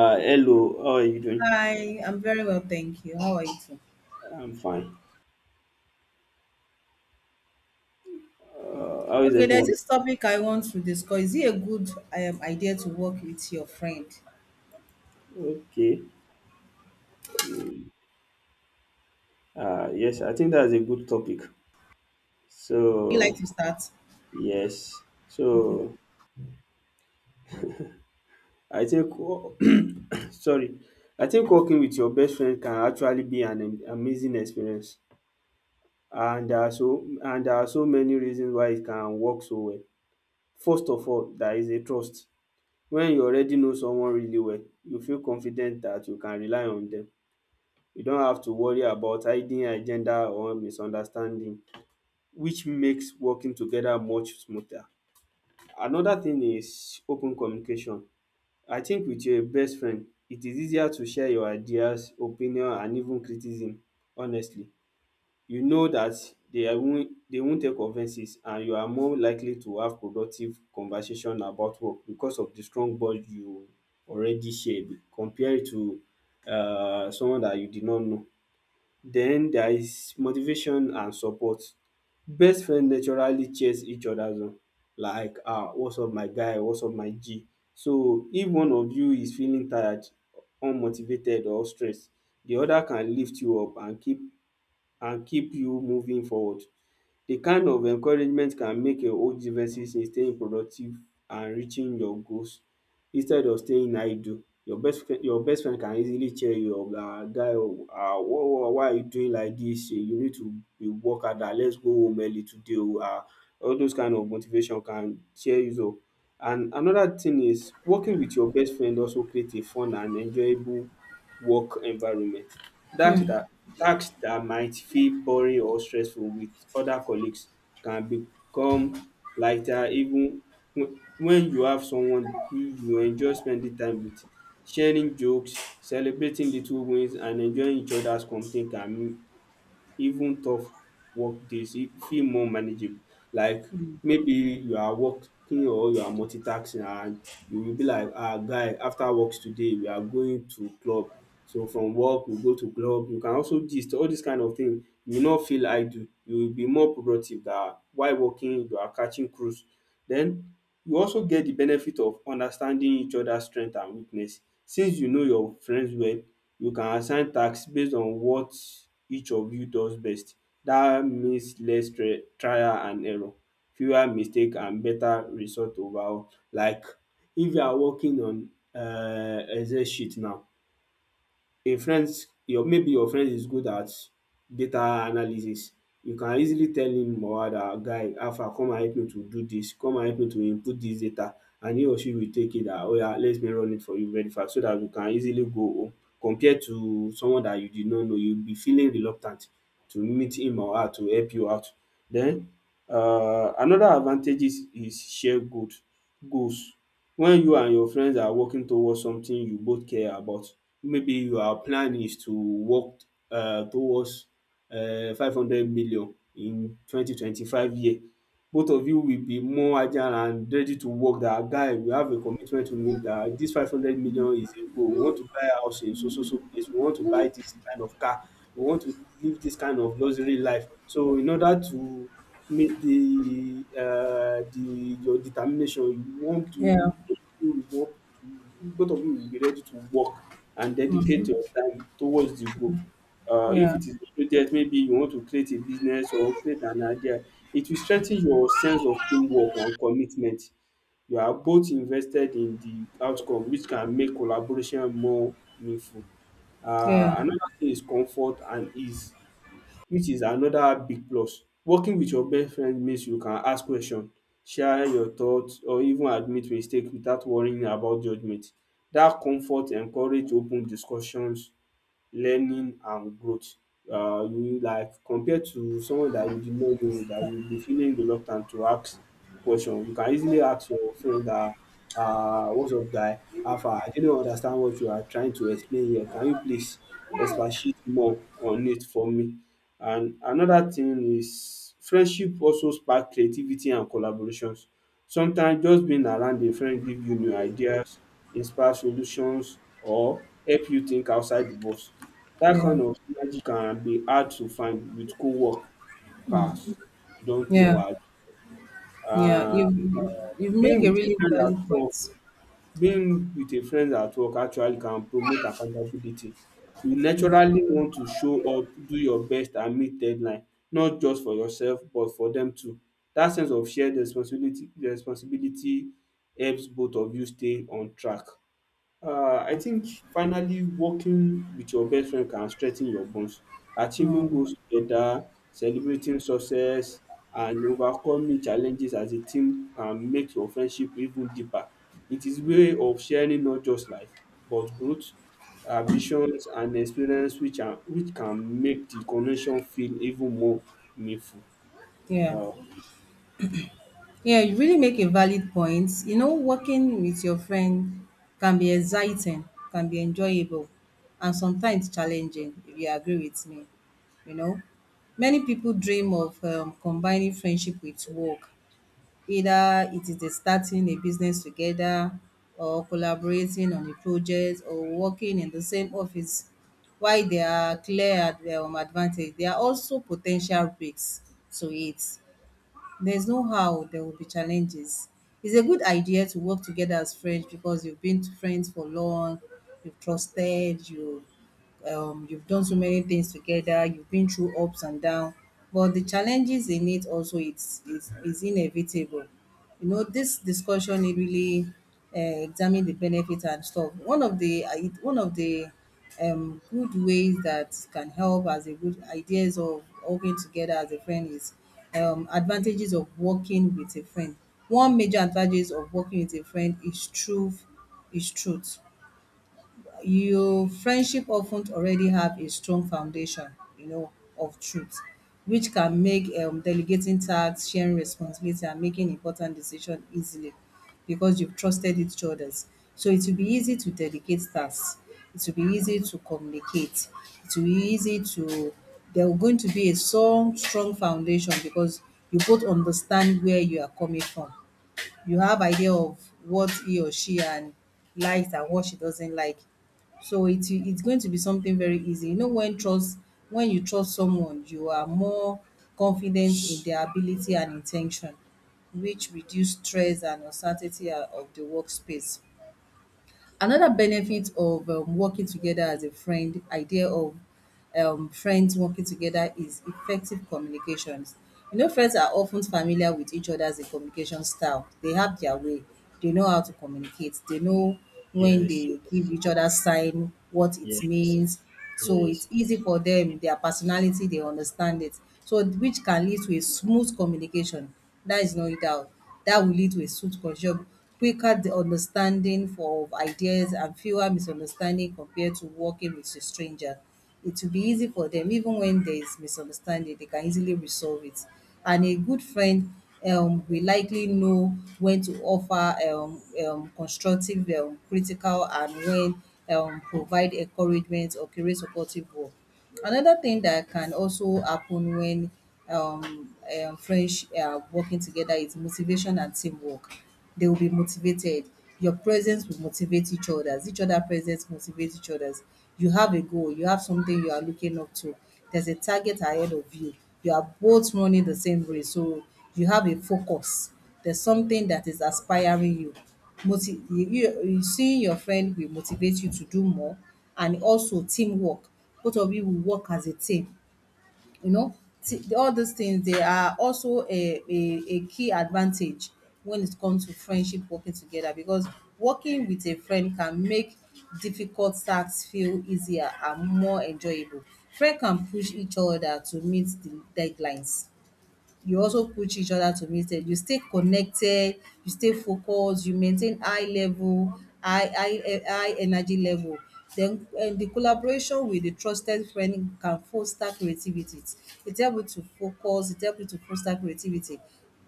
Hello, how are you doing? Hi, I'm very well, thank you. How are you too? I'm fine. How is Okay, there's everyone? this topic I want to discuss. Is it a good idea to work with your friend? Okay. Yes, I think that's a good topic. You like So, to start? yes. Okay. So, I think, sorry, I think working with your best friend can actually be amazing experience. And there are so many reasons why it can work so well. First of all, there is a trust. When you already know someone really well, you feel confident that you can rely on them. You don't have to worry about hiding agenda or misunderstanding, which makes working together much smoother. Another thing is open communication. I think with your best friend it is easier to share your ideas, opinion and even criticism honestly. You know that they won't take offenses and you are more likely to have productive conversation about work because of the strong bond you already share. Compare it to someone that you did not know. Then there is motivation and support. Best friend naturally cheers each others on like ah, “what's up my guy”, “what's up my G”. So if one of you is feeling tired, unmotivated or stressed, the other can lift you up and keep you moving forward. The kind of encouragement can make your old differences in staying productive and reaching your goals instead of staying idle. Your best friend can easily cheer you up ‘guy o um, why why are you doing like dis? You need to dey work harder. Let's go home early today o. All those kind of motivation can cheer you up. And another thing is working with your best friend also create a fun and enjoyable work environment. Dat Tasks that might feel boring or stressful with other colleagues can become lighter even when you have someone who you enjoy spending time with. Sharing jokes, celebrating little wins and enjoying each other's company can even tough work days e feel more manageable, like maybe you are working or you are multitasking and you will be like ah guy after work today we are going to club, so from work we go to club. You can also gist all this kind of thing. You will not feel idle. You will be more productive than while working you are catching cruise. Then you also get the benefit of understanding each other's strength and weakness. Since you know your friends well, you can assign task based on what each of you does best. Dat means less trial and error, fewer mistake and better result overall. Like if you are working on excel sheet now, a friend's your maybe your friend is good at data analysis, you can easily tell him or her dat guy alpha come and help me to do this. Come and help me to input this data, and he or she will take it that, oh yeah, let me run it for you very fast so that you can easily go home, compared to someone that you did not know you will be feeling reluctant to meet him or her to help you out. Then, another advantage is share good goals. When you and your friends are working towards something you both care about, maybe your plan is to work towards 500 million in 2025 year, both of you will be more agile and ready to work. That guy, we have a commitment to meet that. This 500 million is a goal. We want to buy a house in so so so place, we want to buy this kind of car, we want to live this kind of luxury life. So in order to meet the your determination you want Yeah, to, you want to, both of you will be ready to work and dedicate your time towards the goal. If yeah, it is a project, maybe you want to create a business or create an idea, it will strengthen your sense of teamwork and commitment. You are both invested in the outcome, which can make collaboration more meaningful. Uh, yeah, another thing is comfort and ease, which is another big plus. Working with your best friend means you can ask questions, share your thoughts or even admit mistake without worrying about judgement. That comfort encourage open discussions, learning and growth. You like compared to someone that you did not know that you'll be feeling reluctant to ask question. You can easily ask your friend that what's up guy? Alpha, I didn't understand what you are trying to explain here. Can you please expatiate more on it for me? And another thing is friendship also spark creativity and collaborations. Sometimes just being around a friend give you new ideas, inspire solutions or help you think outside the box. Dat yeah, kind of energy can be hard to find with co-workers you don't know yeah, as yeah. um You being make a with a really friend at valid work point. being with a friend at work actually can promote accountability. You naturally want to show up, do your best and meet deadline, not just for yourself but for dem too. Dat sense of shared responsibility helps both of you stay on track. I think finally working with your best friend can strengthen your bonds. Achieving Um, goals together, celebrating success, and overcoming challenges as a team can make your friendship even deeper. It is way of sharing not just life, but growth, ambitions, and experience which are which can make the connection feel even more meaningful. yeah. Uh, Yeah, you really make a valid point. You know, working with your friend can be exciting, can be enjoyable, and sometimes challenging, if you agree with me. You know, many people dream of combining friendship with work, either it is the starting a business together, or collaborating on a project, or working in the same office. While there are clear advantage, there are also potential risks to it. There's no how there will be challenges. It's a good idea to work together as friends because you've been friends for long, you've trusted, you've done so many things together, you've been through ups and downs. But the challenges in it also it's inevitable. This discussion it really examine the benefits and stuff. One of the I one of the Good ways that can help as a good ideas of working together as a friend is advantages of working with a friend. One major advantages of working with a friend is truth. is truth your friendship often already have a strong foundation, you know, of truth, which can make delegating tasks, sharing responsibility, and making important decisions easily because you've trusted each other. So it will be easy to delegate tasks. It will be easy to communicate. It will be easy to. There will going to be a strong, strong foundation because you both understand where you are coming from. You have idea of what he or she and likes and what she doesn't like. So it's going to be something very easy. You know, when you trust someone, you are more confident in their ability and intention, which reduce stress and uncertainty of the workspace. Another benefit of working together as a friend, idea of friends working together is effective communications. You know, friends are often familiar with each other's communication style. They have their way. They know how to communicate. They know when Yes, they give each other sign, what it yes, yes, means, so yes. it's easy for them, their personality, they understand it. So which can lead to a smooth communication. That is no doubt. That will lead to a smooth communication, quicker the understanding for ideas and fewer misunderstanding compared to working with a stranger. It will be easy for them even when there is misunderstanding they can easily resolve it, and a good friend will likely know when to offer constructive critical and when provide encouragement or create supportive work. Another thing that can also happen when um, friends are working together is motivation and teamwork. They will be motivated. Your presence will motivate each other's. Each other presence motivates each other's. You have a goal. You have something you are looking up to. There's a target ahead of you. You are both running the same race, so you have a focus. There's something that is aspiring you. You seeing your friend will motivate you to do more, and also teamwork. Both of you will work as a team, you know. T all these things, they are also a key advantage when it comes to friendship working together because working with a friend can make difficult tasks feel easier and more enjoyable. Friend can push each other to meet the deadlines. You also push each other to meet it. You stay connected, you stay focused, you maintain high level, high energy level. Then the collaboration with a trusted friend can foster creativity. It help you to focus, it help you to foster creativity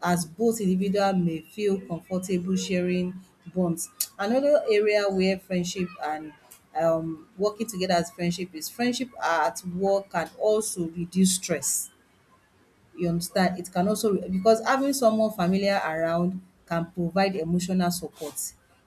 as both individual may feel comfortable sharing bonds. Another area where friendship and working together as friendship is friendship at work can also reduce stress, you understand. It can also, because having someone familiar around can provide emotional support,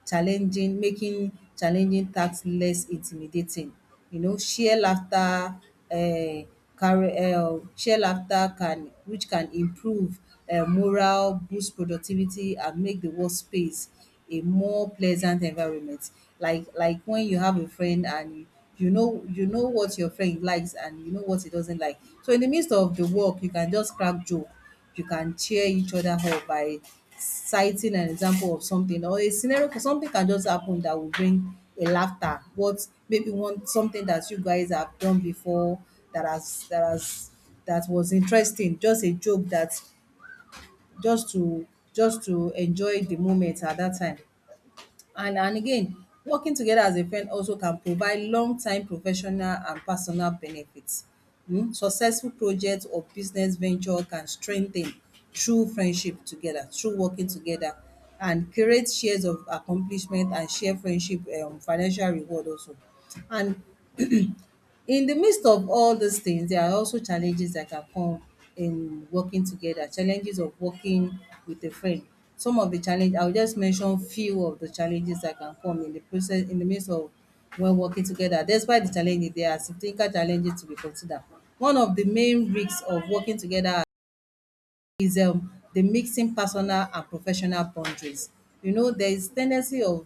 challenging making challenging task less intimidating. you know share laughter um Share laughter, can improve morale, boost productivity and make the workspace a more pleasant environment. Like when you have a friend and you know what your friend likes and you know what he doesn't like. So in the midst of the work, you can just crack joke. You can cheer each other up by citing an example of something or a scenario. Something can just happen that will bring a laughter. What maybe one something that you guys have done before that has that has that was interesting, just a joke that just to just to enjoy the moment at that time. And again, working together as a friend also can provide long-time professional and personal benefits. Successful projects or business venture can strengthen true friendship together, through working together and create shares of accomplishment and share friendship financial reward also. And in the midst of all these things, there are also challenges that can come in working together, challenges of working with a friend. Some of the challenge, I'll just mention few of the challenges that can come in the process, in the midst of when working together. Despite the challenges, there are significant challenges to be considered. One of the main risks of working together is the mixing personal and professional boundaries. You know, there is tendency of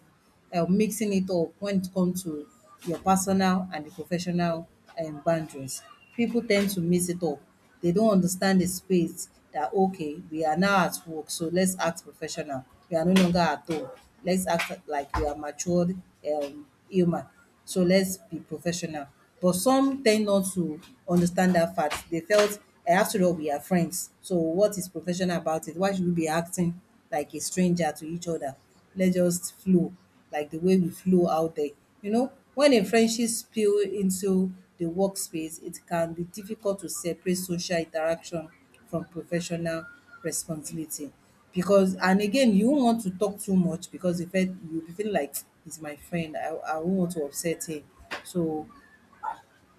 mixing it up when it comes to your personal and the professional boundaries. People tend to mix it up. They don't understand the space that, okay, we are now at work, so let's act professional. We are no longer at home. Let's act like we are matured human. So let's be professional. But some tend not to understand that fact. They felt, "Eh, after all, we are friends. So what is professional about it? Why should we be acting like a stranger to each other? Let's just flow like the way we flow out there." You know, when a friendship spill into the workspace, it can be difficult to separate social interaction from professional responsibility. Because and again, you won't want to talk too much because if it, you'll be feeling like he's my friend, I won't want to upset him. So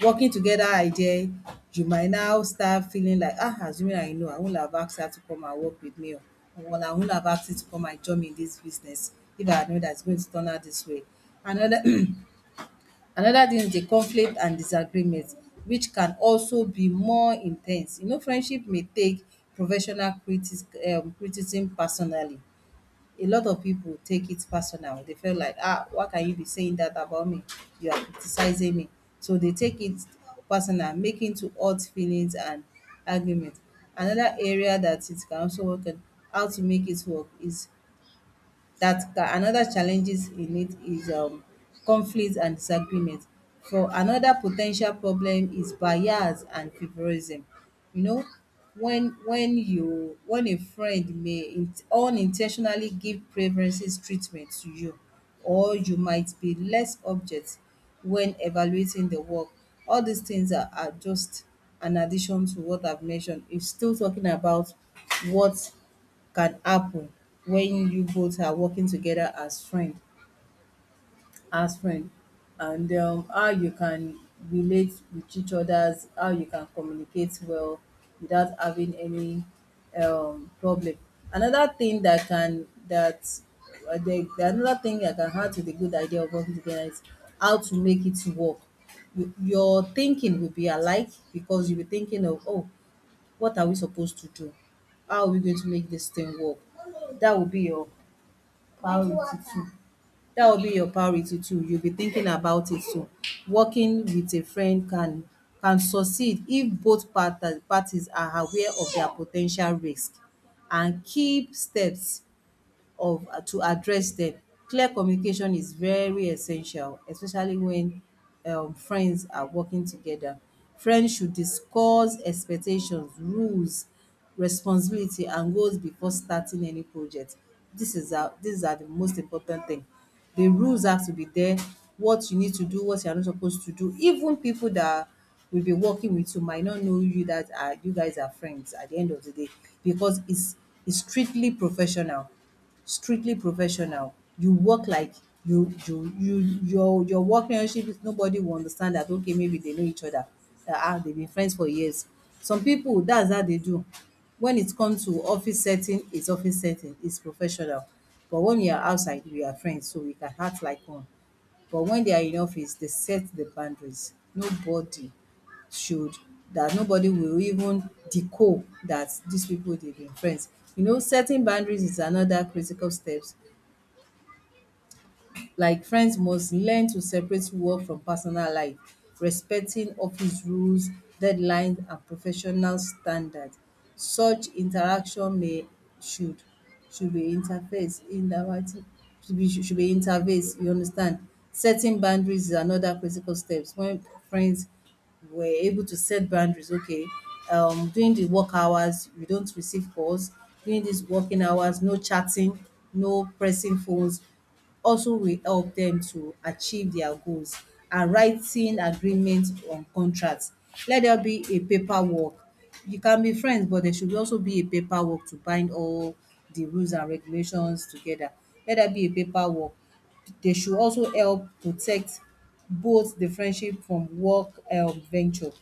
working together idea, you might now start feeling like ah, assuming I know, I won't have asked her to come and work with me, or well, I won't have asked her to come and join me in this business if I had known that it's going to turn out this way. Another another thing is the conflict and disagreement which can also be more intense. You know friendship may take professional criticism personally. A lot of people take it personal. They feel like ah, why can you be saying that about me? You are criticizing me. So they take it personal, making to hurt feelings and argument. Another area that it can also work on how to make it work is that another challenges in it is conflict and disagreement. For another potential problem is bias and favorism. You know, when you when a friend may in unin give preferences treatment to you, or you might be less object when evaluating the work. All these things are just an addition to what I've mentioned. It's still talking about what can happen when you both are working together as friend as friend, and how you can relate with each other's, how you can communicate well without having any problem. Another thing that can that the another thing that can add to the good idea of working together is how to make it work. Your thinking will be alike because you'll be thinking of, oh, what are we supposed to do? How are we going to make this thing work? That will be your priority too. That will be your priority too. You'll be thinking about it too. Working with a friend can succeed if both parties are aware of their potential risk and keep steps of to address dem. Clear communication is very essential especially when friends are working together. Friends should discuss expectations, rules, responsibility and goals before starting any project. This is are dis are the most important thing. The rules have to be there, what you need to do, what you are not supposed to do. Even people that will be working with you might not know you that are you guys are friends at the end of the day because it's strictly professional strictly professional. You work like you your work relationship is nobody will understand that, okay, maybe they know each other, that they've been friends for years. Some people, that's how they do. When it comes to office setting, it's professional. But when you are outside, we are friends, so we can act like one. But when they are in office, they set the boundaries. Nobody should, that nobody will even decode that dis pipu dey be friends. You know, setting boundaries is another critical steps, like friends must learn to separate work from personal life, respecting office rules, deadlines and professional standards. Such interaction may should should be interface in the interactive should be interface, you understand. Setting boundaries is another critical steps when friends were able to set boundaries. Okay, during the work hours, you don't receive calls. During these working hours, no chatting, no pressing phones also will help them to achieve their goals, and writing agreement on contract. Let there be a paperwork. You can be friends, but there should also be a paperwork to bind all the rules and regulations together. Let there be a paperwork. They should also help protect both the friendship from work venture.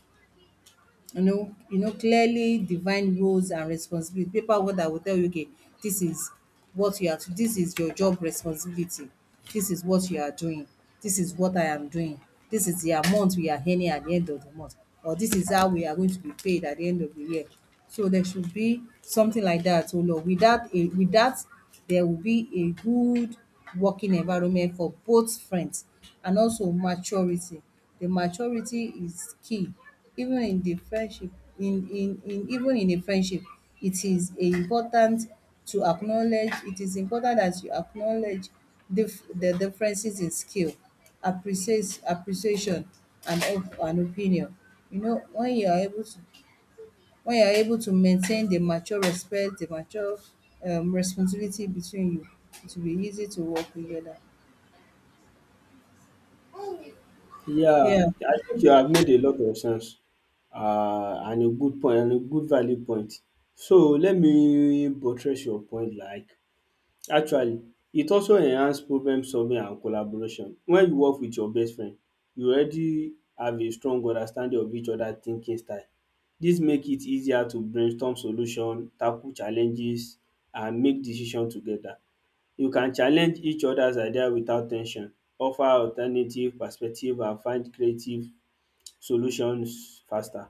You know, clearly define roles and responsibility, paperwork that will tell you, okay, this is what you are to, this is your job responsibility, this is what you are doing, this is what I am doing, this is the amount we are earning at the end of the month, or this is how we are going to be paid at the end of the year. So there should be something like that, oh lord, without a without, there will be a good working environment for both friends. And also maturity, the maturity is key, even in the friendship. In even in a friendship, it is important to acknowledge, it is important that you acknowledge dif the differences in skill, appreciate appreciation and op and opinion. You know, when you are able to, when you are able to maintain the mature respect, the mature responsibility between you, it will be easy to work together. Yeah, Yeah. I think you have made a lot of sense, and a good point and a good valid point. So let me buttress your point, like actually it also enhance problem solving and collaboration. When you work with your best friend, you already have a strong understanding of each other thinking style. Dis make it easier to brainstorm solution, tackle challenges and make decision together. You can challenge each other's idea without tension, offer alternative perspective and find creative solutions faster.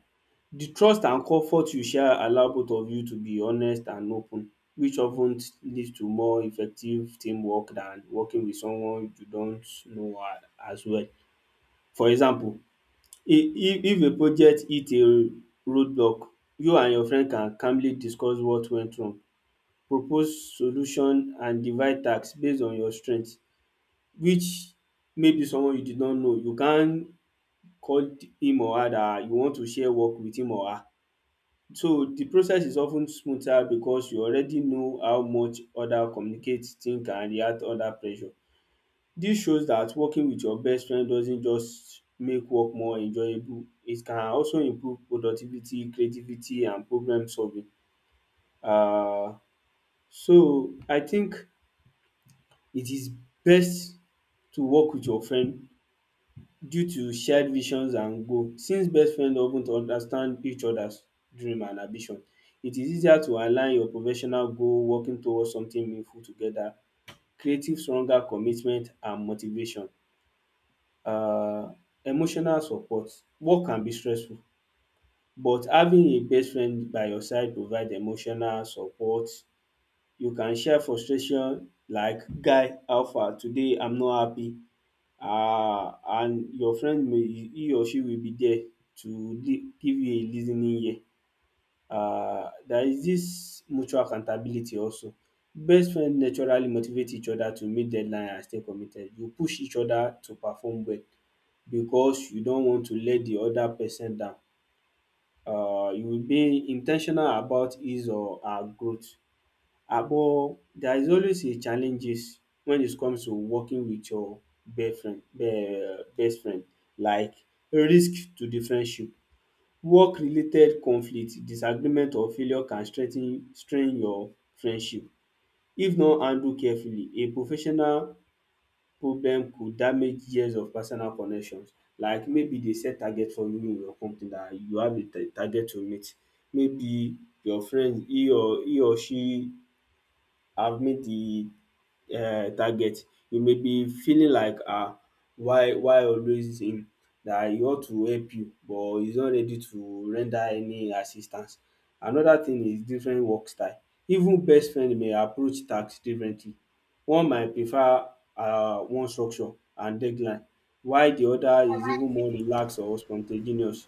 The trust and comfort you share allow both of you to be honest and open, which of ten lead to more effective teamwork than working with someone you don't know a as well. For example, if a project hit a roadblock, you and your friend can calmly discuss what went wrong, propose solution and divide tasks based on your strength, which maybe someone you did not know you can call him or her that you want to share work with him or her. So the process is of ten smoother because you already know how much other communicate, think and react under pressure. Dis shows dat working with your best friend doesn't just make work more enjoyable, it can also improve productivity, creativity and problem solving. um So I think it is best to work with your friend due to shared visions and goal. Since best friend of ten understand each other's dream and ambition, it is easier to align your professional goal working towards something meaningful together, creating stronger commitment and motivation. um Emotional support. Work can be stressful but having a best friend by your side provide emotional support. You can share frustration like ‘guy how far today I am not happy. And your friend may he or she will be there to give you a lis ten ing ear. There is dis mutual accountability also. Best friend naturally motivate each other to meet deadline and stay committed. You push each other to perform well because you don want to let the other person down. You will dey in ten tional about his or her growth. Omo there is always a challenges wen it comes to working with your best friend, like risk to the friendship, work related conflict, disagreement or failure can strain your friendship if not handled carefully. A professional problem could damage years of personal connections, like maybe dey set target for you in your company dat you have a target to meet, maybe your friend he or she have made the target. You may be feeling like "Ah, why always him? That e ought to help you but he's not ready to render any assistance. Another thing is different work style. Even best friend may approach tasks differently. One might prefer one structure and deadline while the other is even more relaxed or spontaneous.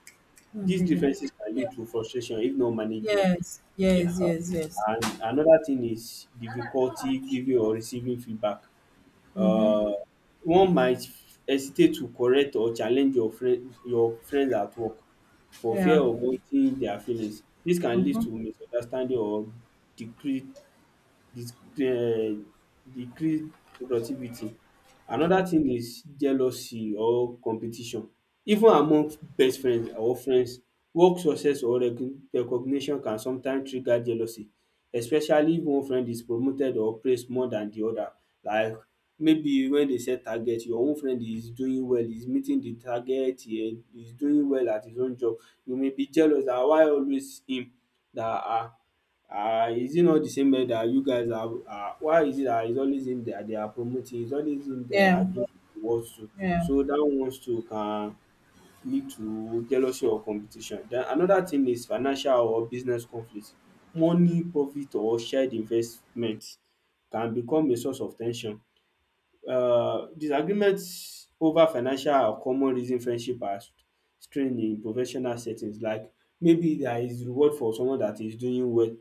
These Completely. differences can lead to frustration if not managed well. Yes, Yeah. yes, yes, yes. And another thing is difficulty giving or receiving feedback. Mhm. Um one might hesitate to correct or challenge your friends at work for fear Yeah, of hurting their feelings. Dis can lead to misunderstanding or decrease dis- um decrease productivity. Another thing is jealousy or competition. Even among best friends or friends, work success or recognition can sometimes trigger jealousy, especially if one friend is promoted or praised more than the other. Like maybe when they set target, your own friend is doing well, is meeting the target, he is doing well at his own job. You may be jealous dat why always him? Dat is it not the same men that you guys are why is it that it's always him that they are promoting, it's always him they yeah, are giving rewards to? yeah, So that ones too can lead to jealousy or competition. Then another thing is financial or business conflict. Money, profit or shared investment can become a source of ten sion. Disagreements over financial or common reason friendship are strained in professional settings. Like maybe there is reward for someone that is doing well,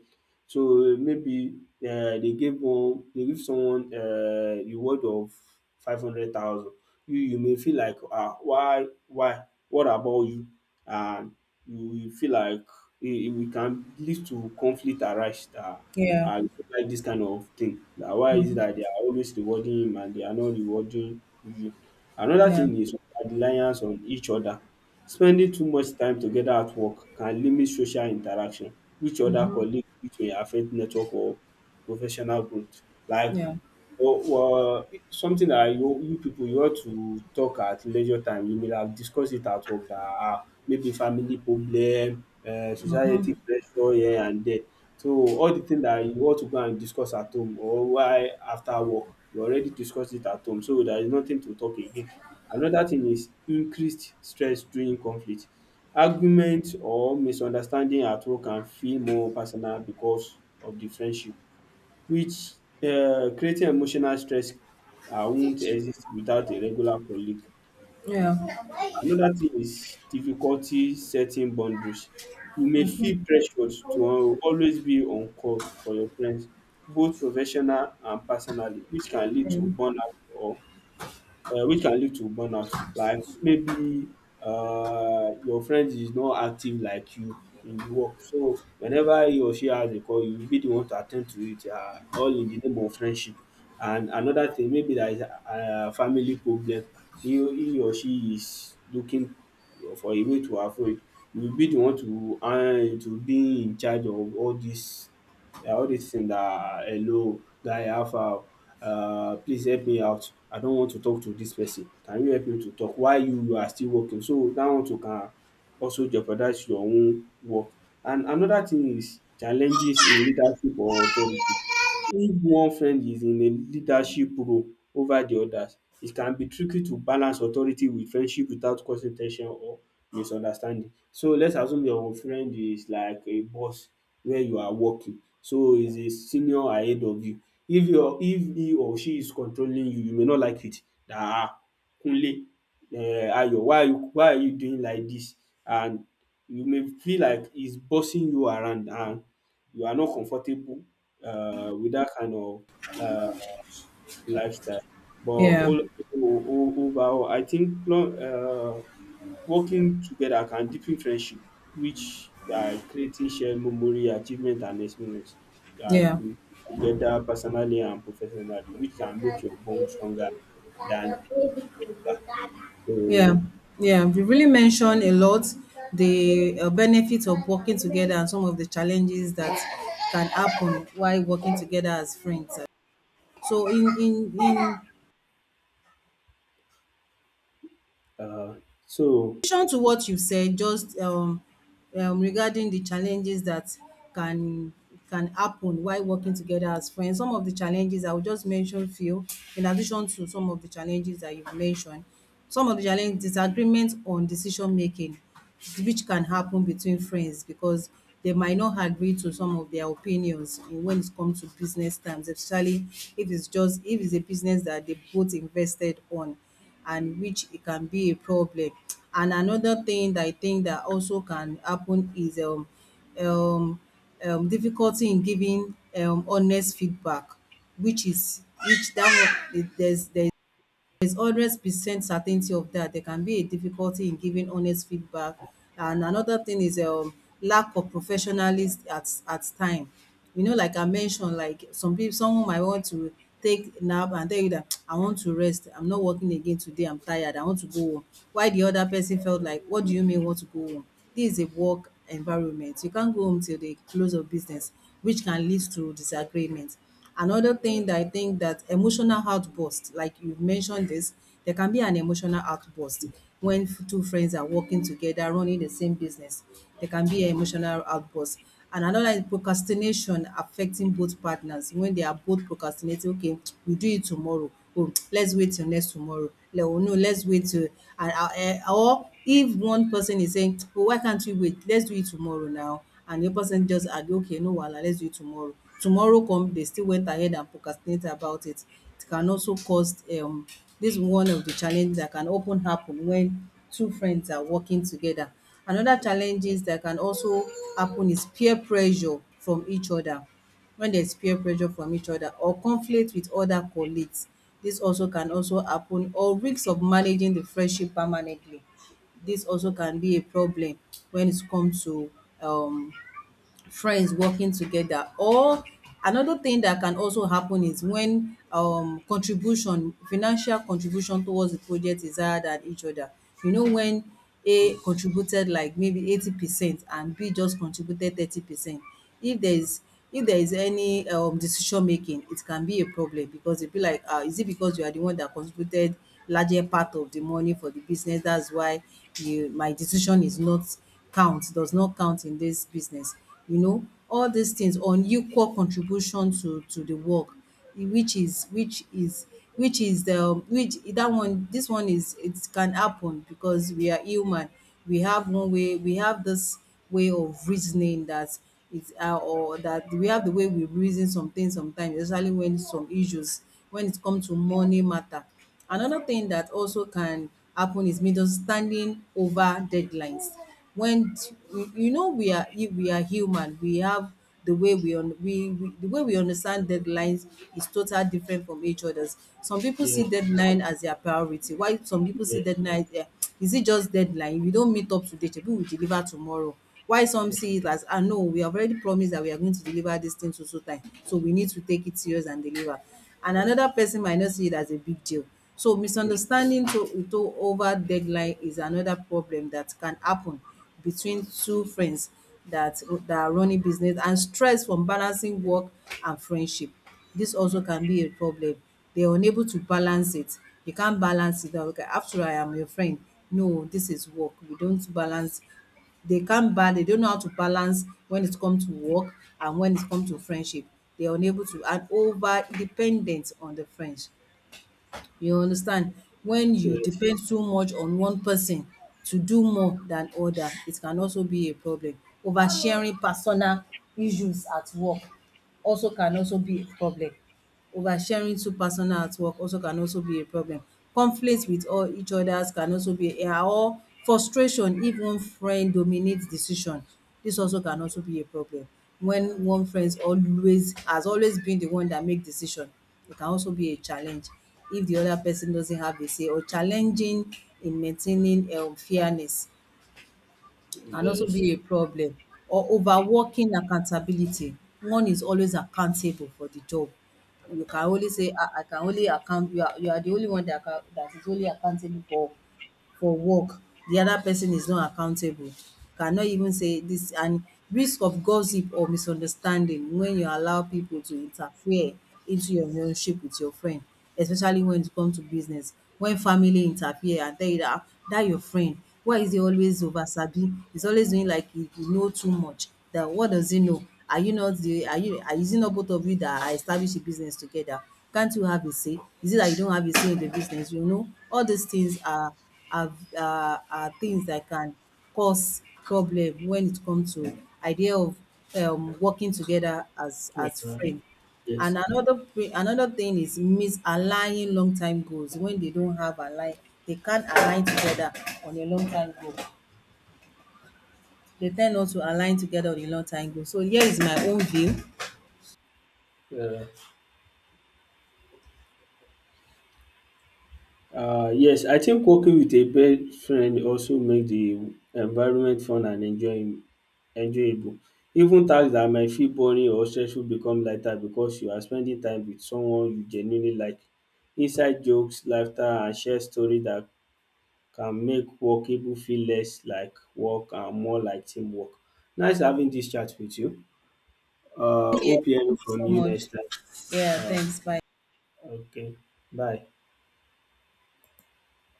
so maybe they give someone reward of 500,000. You may feel like why, what about you? And you will feel like e e can lead to conflict arise. Yeah, I don't like this kind of thing. That why is it that they are always rewarding him and they are not rewarding you? Another yeah, thing is reliance on each other. Spending too much time together at work can limit social interaction with other colleagues, which may affect network or professional growth. Like yeah. or, or something that you people you ought to talk at leisure time. You may have discussed it at work that ah, maybe family problem, Mm-hmm. society pressure here and there. So all the thing dat you want to go and discuss at home or while after work you already discuss it at home, so there is nothing to talk again. Another thing is increased stress during conflict. Argument or misunderstanding at work can feel more personal because of the friendship, which creating emotional stress won't exist without a regular colleague. Yeah, Another thing is difficulty setting boundaries. You may feel pressured to always be on call for your friends, both professional and personally, which can lead to and- burnout or which can lead to burnout. Like maybe your friend is not active like you in the work. So whenever he or she has a call, you be the one to attend to it, all in the name of friendship. And another thing, maybe there is a family problem. He or she is looking for a way to avoid. You be the one to be in charge of all these. Yeah, all these things that hello, guy, how far? Please help me out. I don want to talk to dis person. Can you help me to talk, while you are still working? So dat one too can also jeopardize your own work. And another thing is challenges in leadership or authority. If one friend is in a leadership role over the others, it can be tricky to balance authority with friendship without causing ten or misunderstanding. So let's assume your friend is like a boss where you are working, so is a senior ahead of you. If he or she is controlling you, you may not like it dat ah, Kunle, Ayo, why are you, doing like this? And you may feel like he's bossing you around and you are not comfortable with that kind of uh, lifestyle. But yeah, yeah, all, overall, I think no, working together can deepen friendship, which are creating shared memory, achievement, and experience. Like we- Together personally and professionally, which can make your bond stronger than ever. yeah, So, yeah. We really mentioned a lot, the benefits of working together and some of the challenges that can happen while working together as friends. So in uh, so addition to what you said, just regarding the challenges that can can happen while working together as friends, some of the challenges I will just mention few in addition to some of the challenges that you've mentioned. Some of the challenges: disagreement on decision making, which can happen between friends because they might not agree to some of their opinions in when it comes to business terms, especially if it's just, if it's a business that they both invested on, and which it can be a problem. And another thing that I think that also can happen is um difficulty in giving honest feedback, which is, which that one, there's always percent certainty of that. There can be a difficulty in giving honest feedback. And another thing is lack of professionalism at time. You know, like I mentioned, like some people, someone might want to take nap and tell you that I want to rest. I'm not working again today. I'm tired. I want to go home. While the other person felt like, what do you mean want to go home? This is a work environment. You can't go home till the close of business, which can lead to disagreement. Another thing that I think that, emotional outburst, like you've mentioned this, there can be an emotional outburst when two friends are working together, running the same business. There can be an emotional outburst. And another is procrastination affecting both partners when they are both procrastinating. Okay, we do it tomorrow. Oh, let's wait till next tomorrow. Oh, no, let's wait till. And, or if one person is saying, oh, why can't we wait? Let's do it tomorrow now. And the other person just argue, okay, no, well, let's do it tomorrow, tomorrow come, they still went ahead and procrastinate about it. It can also cause this is one of the challenges that can often happen when two friends are working together. Another challenges that can also happen is peer pressure from each other. When there's peer pressure from each other or conflict with other colleagues, this also can also happen, or risks of managing the friendship permanently. This also can be a problem when it comes to um friends working together. Or another thing that can also happen is when contribution, financial contribution towards the project, is higher than each other. You know, when A contributed like maybe 80% and B just contributed 30%, if there is, if there is any decision making, it can be a problem because e be like, ah, is it because you are the one that contributed larger part of the money for the business, that's why you, my decision is not count, does not count in this business? You know, all these things on equal contribution to the work, which is, which is, which is the, which that one, this one is, it can happen because we are human. We have one way, we have this way of reasoning, that it's or that we have the way we reason some things sometimes, especially when some issues, when it comes to money matter. Another thing that also can happen is misunderstanding over deadlines. When you, you know we are, if we are human, we have the way we, we the way we understand deadlines is totally different from each other's. Some people see yes, yes, deadline as their priority, while some people see yes, deadline, is it just deadline? If you don't meet up today, people will deliver tomorrow. Why some see it as, ah, no, we have already promised that we are going to deliver this thing to so time, so we need to take it serious and deliver, and another person might not see it as a big deal. So misunderstanding to over deadline is another problem that can happen between two friends that that are running business. And stress from balancing work and friendship, this also can be a problem. They are unable to balance it. You can't balance it, okay, after all, I am your friend. No, this is work, we don't balance. They can't balance. They don't know how to balance when it come to work and when it come to friendship. They are unable to. And over dependent on the friends. You understand? When you yes, depend too much on one person to do more than other, it can also be a problem. Oversharing personal issues at work also can also be a problem. Oversharing too personal at work also can also be a problem. Conflict with all each others can also be a, or frustration if one friend dominate decision. This also can also be a problem. When one friends always has, always been the one that make decision, it can also be a challenge if the other person doesn't have a say. Or challenging in maintaining fairness yes, can also yes, be a problem. Or overworking accountability, one is always accountable for the job. You can only say, "Ah, I can only account, you are, you are the only one that can, that is only accountable for work, the other person is not accountable, cannot even say this." And risk of gossip or misunderstanding when you allow people to interfere into your relationship with your friend, especially when it comes to business, when family interfere and tell you that, "Ah, that your friend, why is he always over sabi, he's always doing like he know too much, that what does he know? Are you not the, are you, are, is it not both of you that are establish a business together? Can't you have a say? Is it that you don't have a say in the business?" You know, all these things are, are things that can cause problem when it comes to idea of working together yes. as friends. Yes. And another thing is misaligning long time goals, when they don't have align, they can't align together on a long time goal. They tend not to align together on a long time goal. So here is my own view. Uh, yes, I think working with a best friend also makes the environment fun and enjoying enjoyable. Even tasks that might feel boring or stressful become lighter because you are spending time with someone you genuinely like. Inside jokes, laughter, and shared stories that can make workable feel less like work and more like teamwork. Nice having this chat with you. Yeah, Hope thank hearing you from so you next much. Yeah, time. thanks. Bye. Okay, bye.